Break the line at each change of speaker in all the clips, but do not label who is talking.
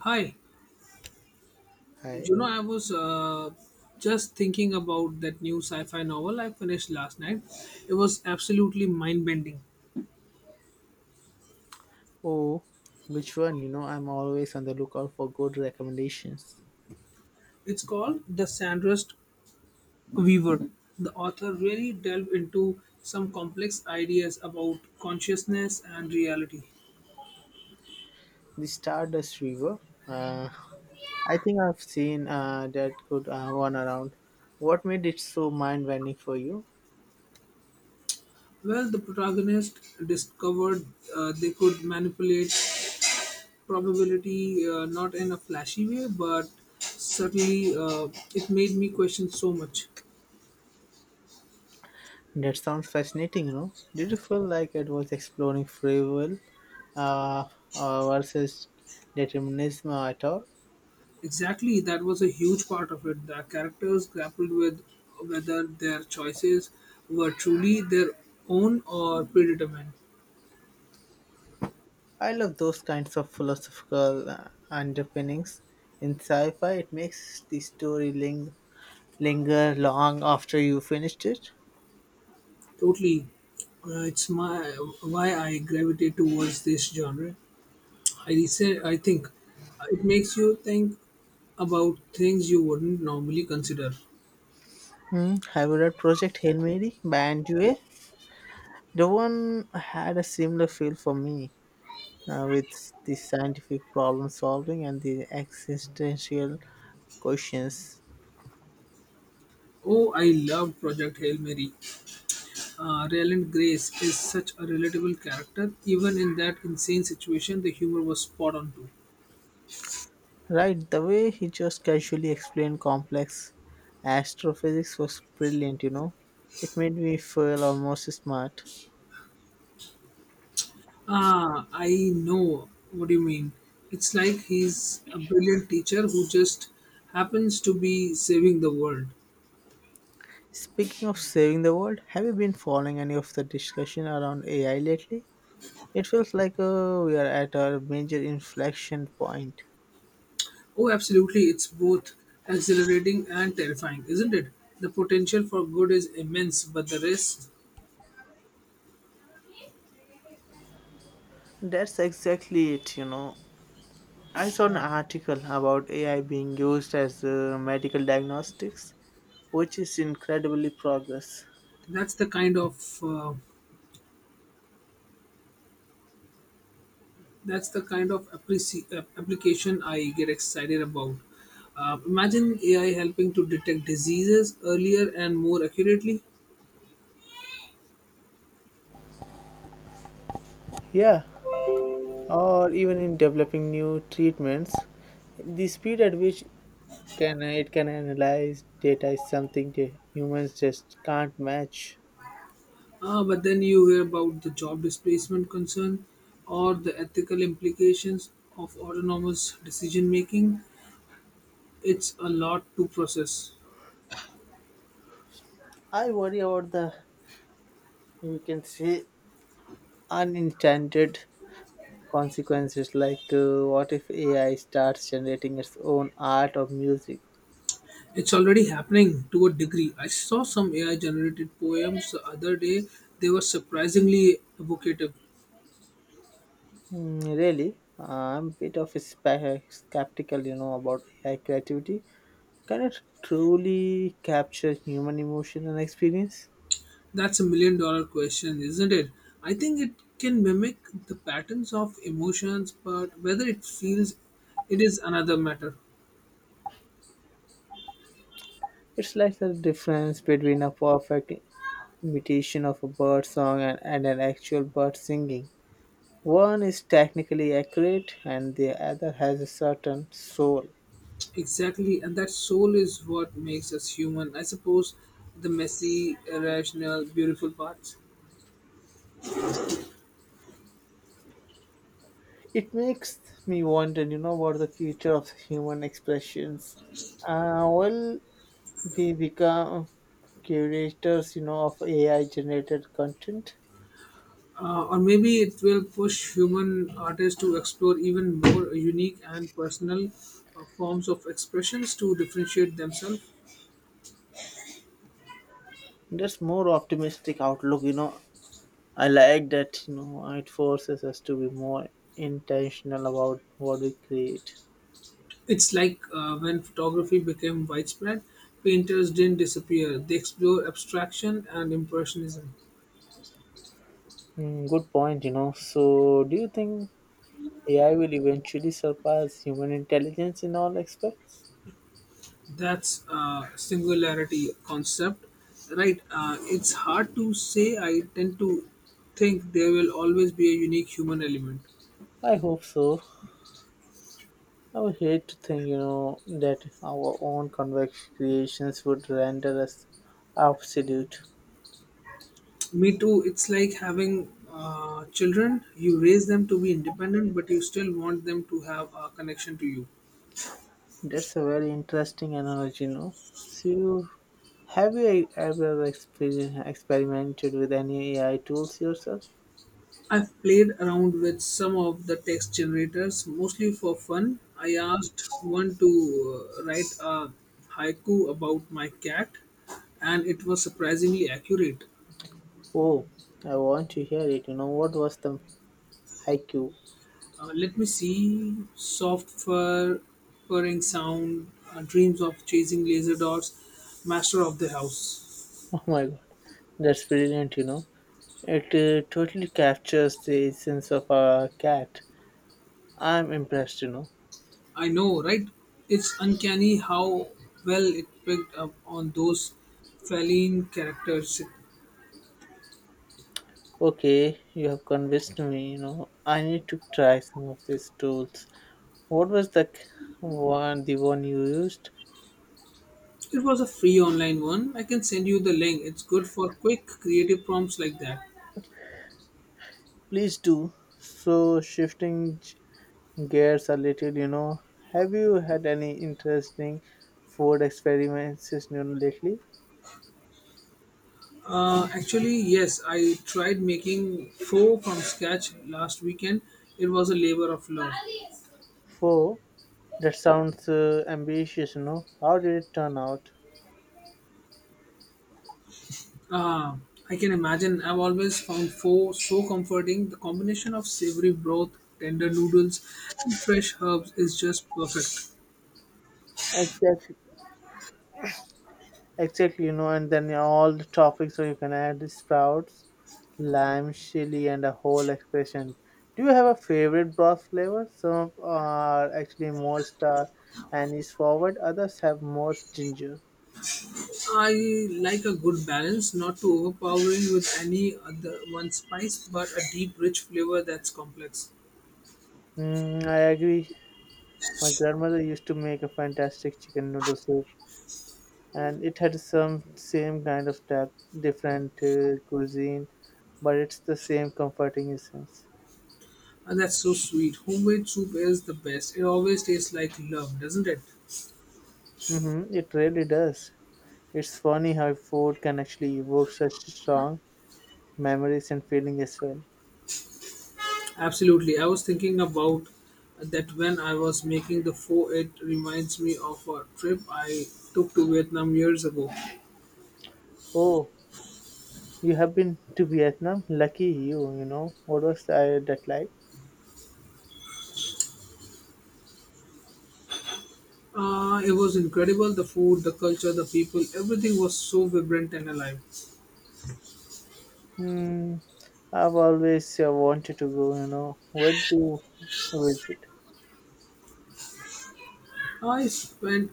Hi,
Hi.
I was just thinking about that new sci fi novel I finished last night. It was absolutely mind bending.
Oh, which one? You know, I'm always on the lookout for good recommendations.
It's called The Sandrust Weaver. The author really delved into some complex ideas about consciousness and reality.
The Stardust River. Uh, I think I've seen that good one around. What made it so mind-bending for you?
Well, the protagonist discovered, they could manipulate probability, not in a flashy way, but certainly, it made me question so much.
That sounds fascinating. You know, did you feel like it was exploring free will uh, uh, versus determinism at all?
Exactly, that was a huge part of it. The characters grappled with whether their choices were truly their own or predetermined.
I love those kinds of philosophical underpinnings. In sci-fi, it makes the story link linger long after you finished it.
Totally. It's my why I gravitate towards this genre. I think it makes you think about things you wouldn't normally consider.
Hmm. Have you read Project Hail Mary by Andrew? A? The one had a similar feel for me with the scientific problem solving and the existential questions.
Oh, I love Project Hail Mary. Ryland Grace is such a relatable character. Even in that insane situation, the humor was spot on too.
Right, the way he just casually explained complex astrophysics was brilliant, you know. It made me feel almost smart.
Ah, I know what you mean. It's like he's a brilliant teacher who just happens to be saving the world.
Speaking of saving the world, have you been following any of the discussion around AI lately? It feels like we are at a major inflection point.
Oh, absolutely. It's both exhilarating and terrifying, isn't it? The potential for good is immense, but the risk
That's exactly it, you know. I saw an article about AI being used as medical diagnostics, which is incredibly progress.
that's the kind of uh, that's the kind of application I get excited about. Imagine AI helping to detect diseases earlier and more accurately.
Yeah, or even in developing new treatments, the speed at which can it can analyze data is something that humans just can't match.
Ah, but then you hear about the job displacement concern or the ethical implications of autonomous decision making. It's a lot to process.
I worry about the you can say unintended consequences, like what if ai starts generating its own art or music.
It's already happening to a degree. I saw some AI generated poems the other day. They were surprisingly evocative.
Really, I'm a bit of a skeptical, you know, about ai creativity. Can it truly capture human emotion and experience?
That's $1 million question, isn't it? I think it can mimic the patterns of emotions, but whether it feels it is another matter.
It's like the difference between a perfect imitation of a bird song and an actual bird singing. One is technically accurate and the other has a certain soul.
Exactly, and that soul is what makes us human. I suppose the messy, irrational, beautiful parts.
It makes me wonder, you know, what the future of human expressions. Will we become curators, you know, of AI generated content?
Or maybe it will push human artists to explore even more unique and personal, forms of expressions to differentiate themselves.
That's more optimistic outlook, you know. I like that, you know, it forces us to be more intentional about what we create.
It's like, when photography became widespread, painters didn't disappear, they explored abstraction and impressionism.
Mm, good point, you know. So, do you think AI will eventually surpass human intelligence in all aspects?
That's a singularity concept, right? It's hard to say. I tend to think there will always be a unique human element.
I hope so. I would hate to think, you know, that our own convex creations would render us absolute.
Me too. It's like having, children. You raise them to be independent, but you still want them to have a connection to you.
That's a very interesting analogy, you know. So, have you ever experimented with any AI tools yourself?
I've played around with some of the text generators, mostly for fun. I asked one to, write a haiku about my cat, and it was surprisingly accurate.
Oh, I want to hear it. You know, what was the haiku?
Let me see. Software purring sound, dreams of chasing laser dots, master of the house.
Oh my god, that's brilliant, you know. It totally captures the essence of a cat. I'm impressed, you know.
I know, right? It's uncanny how well it picked up on those feline characters.
Okay, you have convinced me, you know. I need to try some of these tools. What was the one you used?
It was a free online one. I can send you the link. It's good for quick, creative prompts like that.
Please do. So, shifting gears a little, you know, have you had any interesting food experiments, you know, lately?
Actually, yes, I tried making faux from scratch last weekend. It was a labor of love.
For that sounds ambitious, you know. How did it turn out?
Ah, I can imagine. I've always found pho so comforting. The combination of savory broth, tender noodles, and fresh herbs is just perfect.
Exactly. Exactly, you know, and then all the toppings, so you can add sprouts, lime, chili, and a whole expression. Do you have a favorite broth flavor? Some are actually more star anise forward, others have more ginger.
I like a good balance, not too overpowering with any other one spice, but a deep, rich flavor that's complex.
Mm, I agree. My grandmother used to make a fantastic chicken noodle soup, and it had some same kind of depth, different cuisine, but it's the same comforting essence.
And that's so sweet. Homemade soup is the best. It always tastes like love, doesn't it?
Mm-hmm, it really does. It's funny how food can actually evoke such strong memories and feeling as well.
Absolutely. I was thinking about that when I was making the pho, it reminds me of a trip I took to Vietnam years ago.
Oh, you have been to Vietnam? Lucky you, you know. What was that like?
It was incredible the food, the culture, the people, everything was so vibrant and alive.
Hmm, I've always wanted to go, you know. Where did you visit?
I spent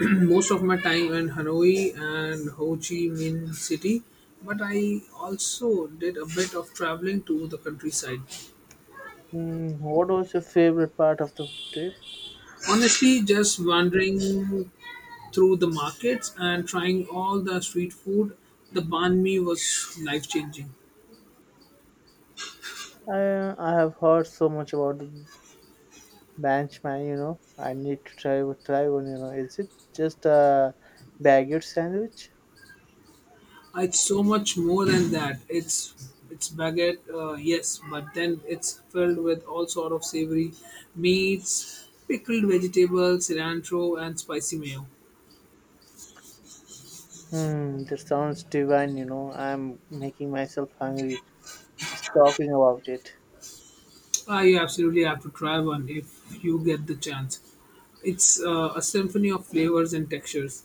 most of my time in Hanoi and Ho Chi Minh City, but I also did a bit of traveling to the countryside.
Hmm, what was your favorite part of the trip?
Honestly, just wandering through the markets and trying all the street food, the banh mi was life changing.
I have heard so much about the bench man, you know. I need to try one, you know. Is it just a baguette sandwich?
It's so much more than that. It's baguette, yes, but then it's filled with all sort of savory meats, pickled vegetables, cilantro, and spicy mayo.
Hmm, that sounds divine, you know. I'm making myself hungry just talking about it.
Ah, you absolutely have to try one if you get the chance. It's, a symphony of flavors and textures.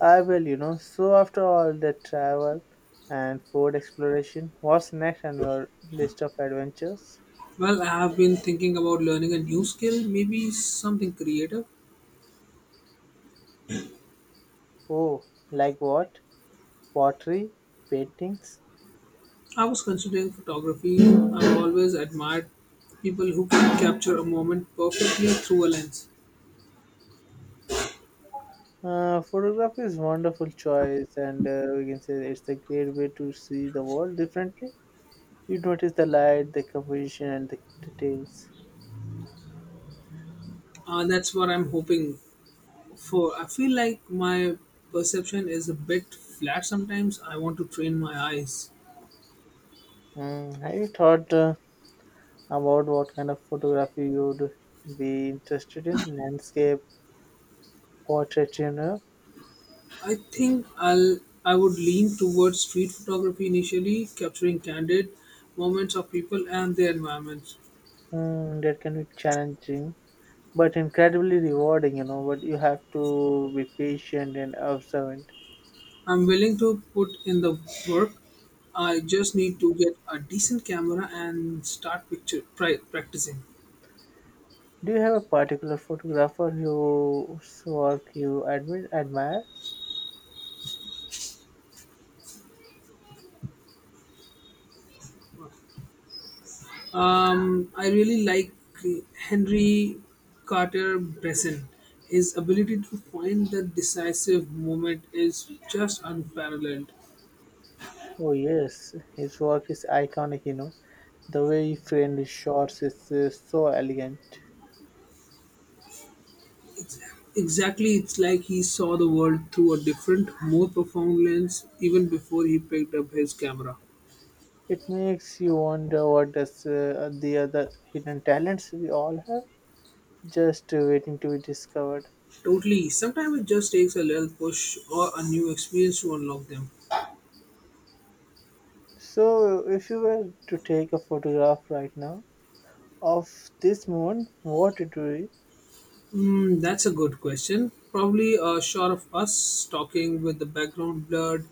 I will, you know. So, after all the travel and food exploration, what's next on your list of adventures?
Well, I have been thinking about learning a new skill, maybe something creative.
Oh, like what? Pottery, paintings?
I was considering photography. I've always admired people who can capture a moment perfectly through a lens.
Photography is wonderful choice, and we can say it's a great way to see the world differently. You notice the light, the composition, and the details.
That's what I'm hoping for. I feel like my perception is a bit flat sometimes. I want to train my eyes.
Mm, have you thought? About what kind of photography you'd be interested in? Landscape, portrait, you know.
I think I'll I would lean towards street photography initially, capturing candid moments of people and their environments.
Mm, that can be challenging but incredibly rewarding, you know, but you have to be patient and observant.
I'm willing to put in the work. I just need to get a decent camera and start practicing.
Do you have a particular photographer whose work you admire?
I really like Henry Carter Bresson. His ability to find the decisive moment is just unparalleled.
Oh yes, his work is iconic, you know. The way he framed his shots is so elegant.
It's exactly, it's like he saw the world through a different, more profound lens even before he picked up his camera.
It makes you wonder, what does the other hidden talents we all have, just waiting to be discovered.
Totally. Sometimes it just takes a little push or a new experience to unlock them.
So, if you were to take a photograph right now of this moment, what it would be?
Mm, that's a good question. Probably a shot of us talking with the background blurred,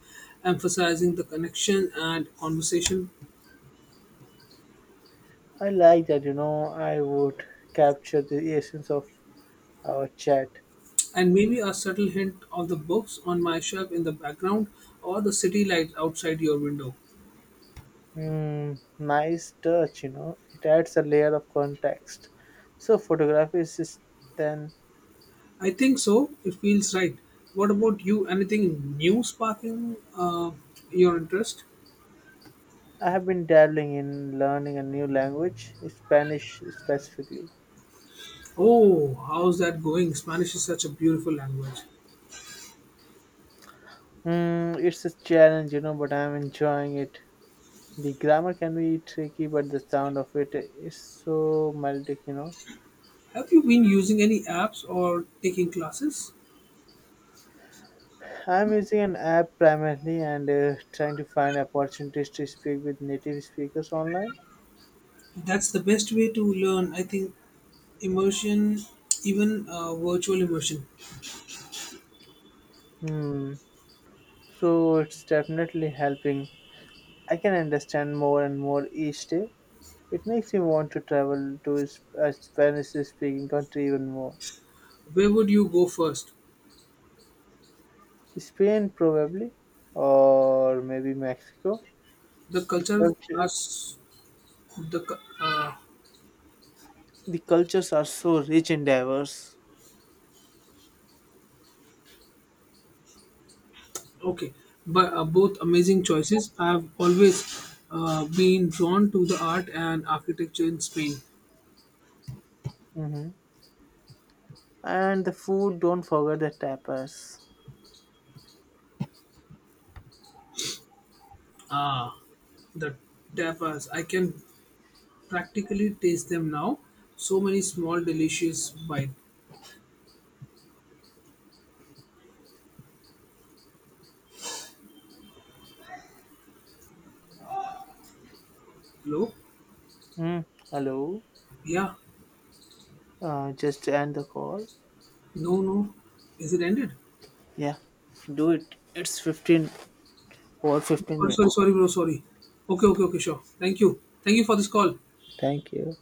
emphasizing the connection and conversation,
I like that, you know, I would capture the essence of our chat.
and maybe a subtle hint of the books on my shelf in the background or the city lights outside your window.
Mm, nice touch, you know, it adds a layer of context. So, photography is just then.
I think so. It feels right. What about you? Anything new sparking, your interest?
I have been dabbling in learning a new language, Spanish specifically.
Oh, how's that going? Spanish is such a beautiful language.
Mm, it's a challenge, you know, but I'm enjoying it. The grammar can be tricky, but the sound of it is so melodic, you know.
Have you been using any apps or taking classes?
I'm using an app primarily and trying to find opportunities to speak with native speakers online.
That's the best way to learn, I think. Immersion, even, virtual immersion.
Hmm. So it's definitely helping. I can understand more and more each day. It makes me want to travel to a Spanish speaking country even more.
Where would you go first?
Spain, probably, or maybe Mexico.
The
The
culture
cultures,
as the cu-
the cultures are so rich and diverse.
okay, but, both amazing choices. I've always been drawn to the art and architecture in Spain.
Mm-hmm. And the food, don't forget the tapas.
Ah, the tapas. I can practically taste them now. So many small, delicious bite. Hello?
Hmm. Hello?
Yeah.
Just end the call.
No, no. Is it ended?
Yeah, do it. It's 15
Sorry,
minutes.
sorry, sorry, bro. Sorry. Okay, okay, okay, sure. Thank you. Thank you for this call.
Thank you.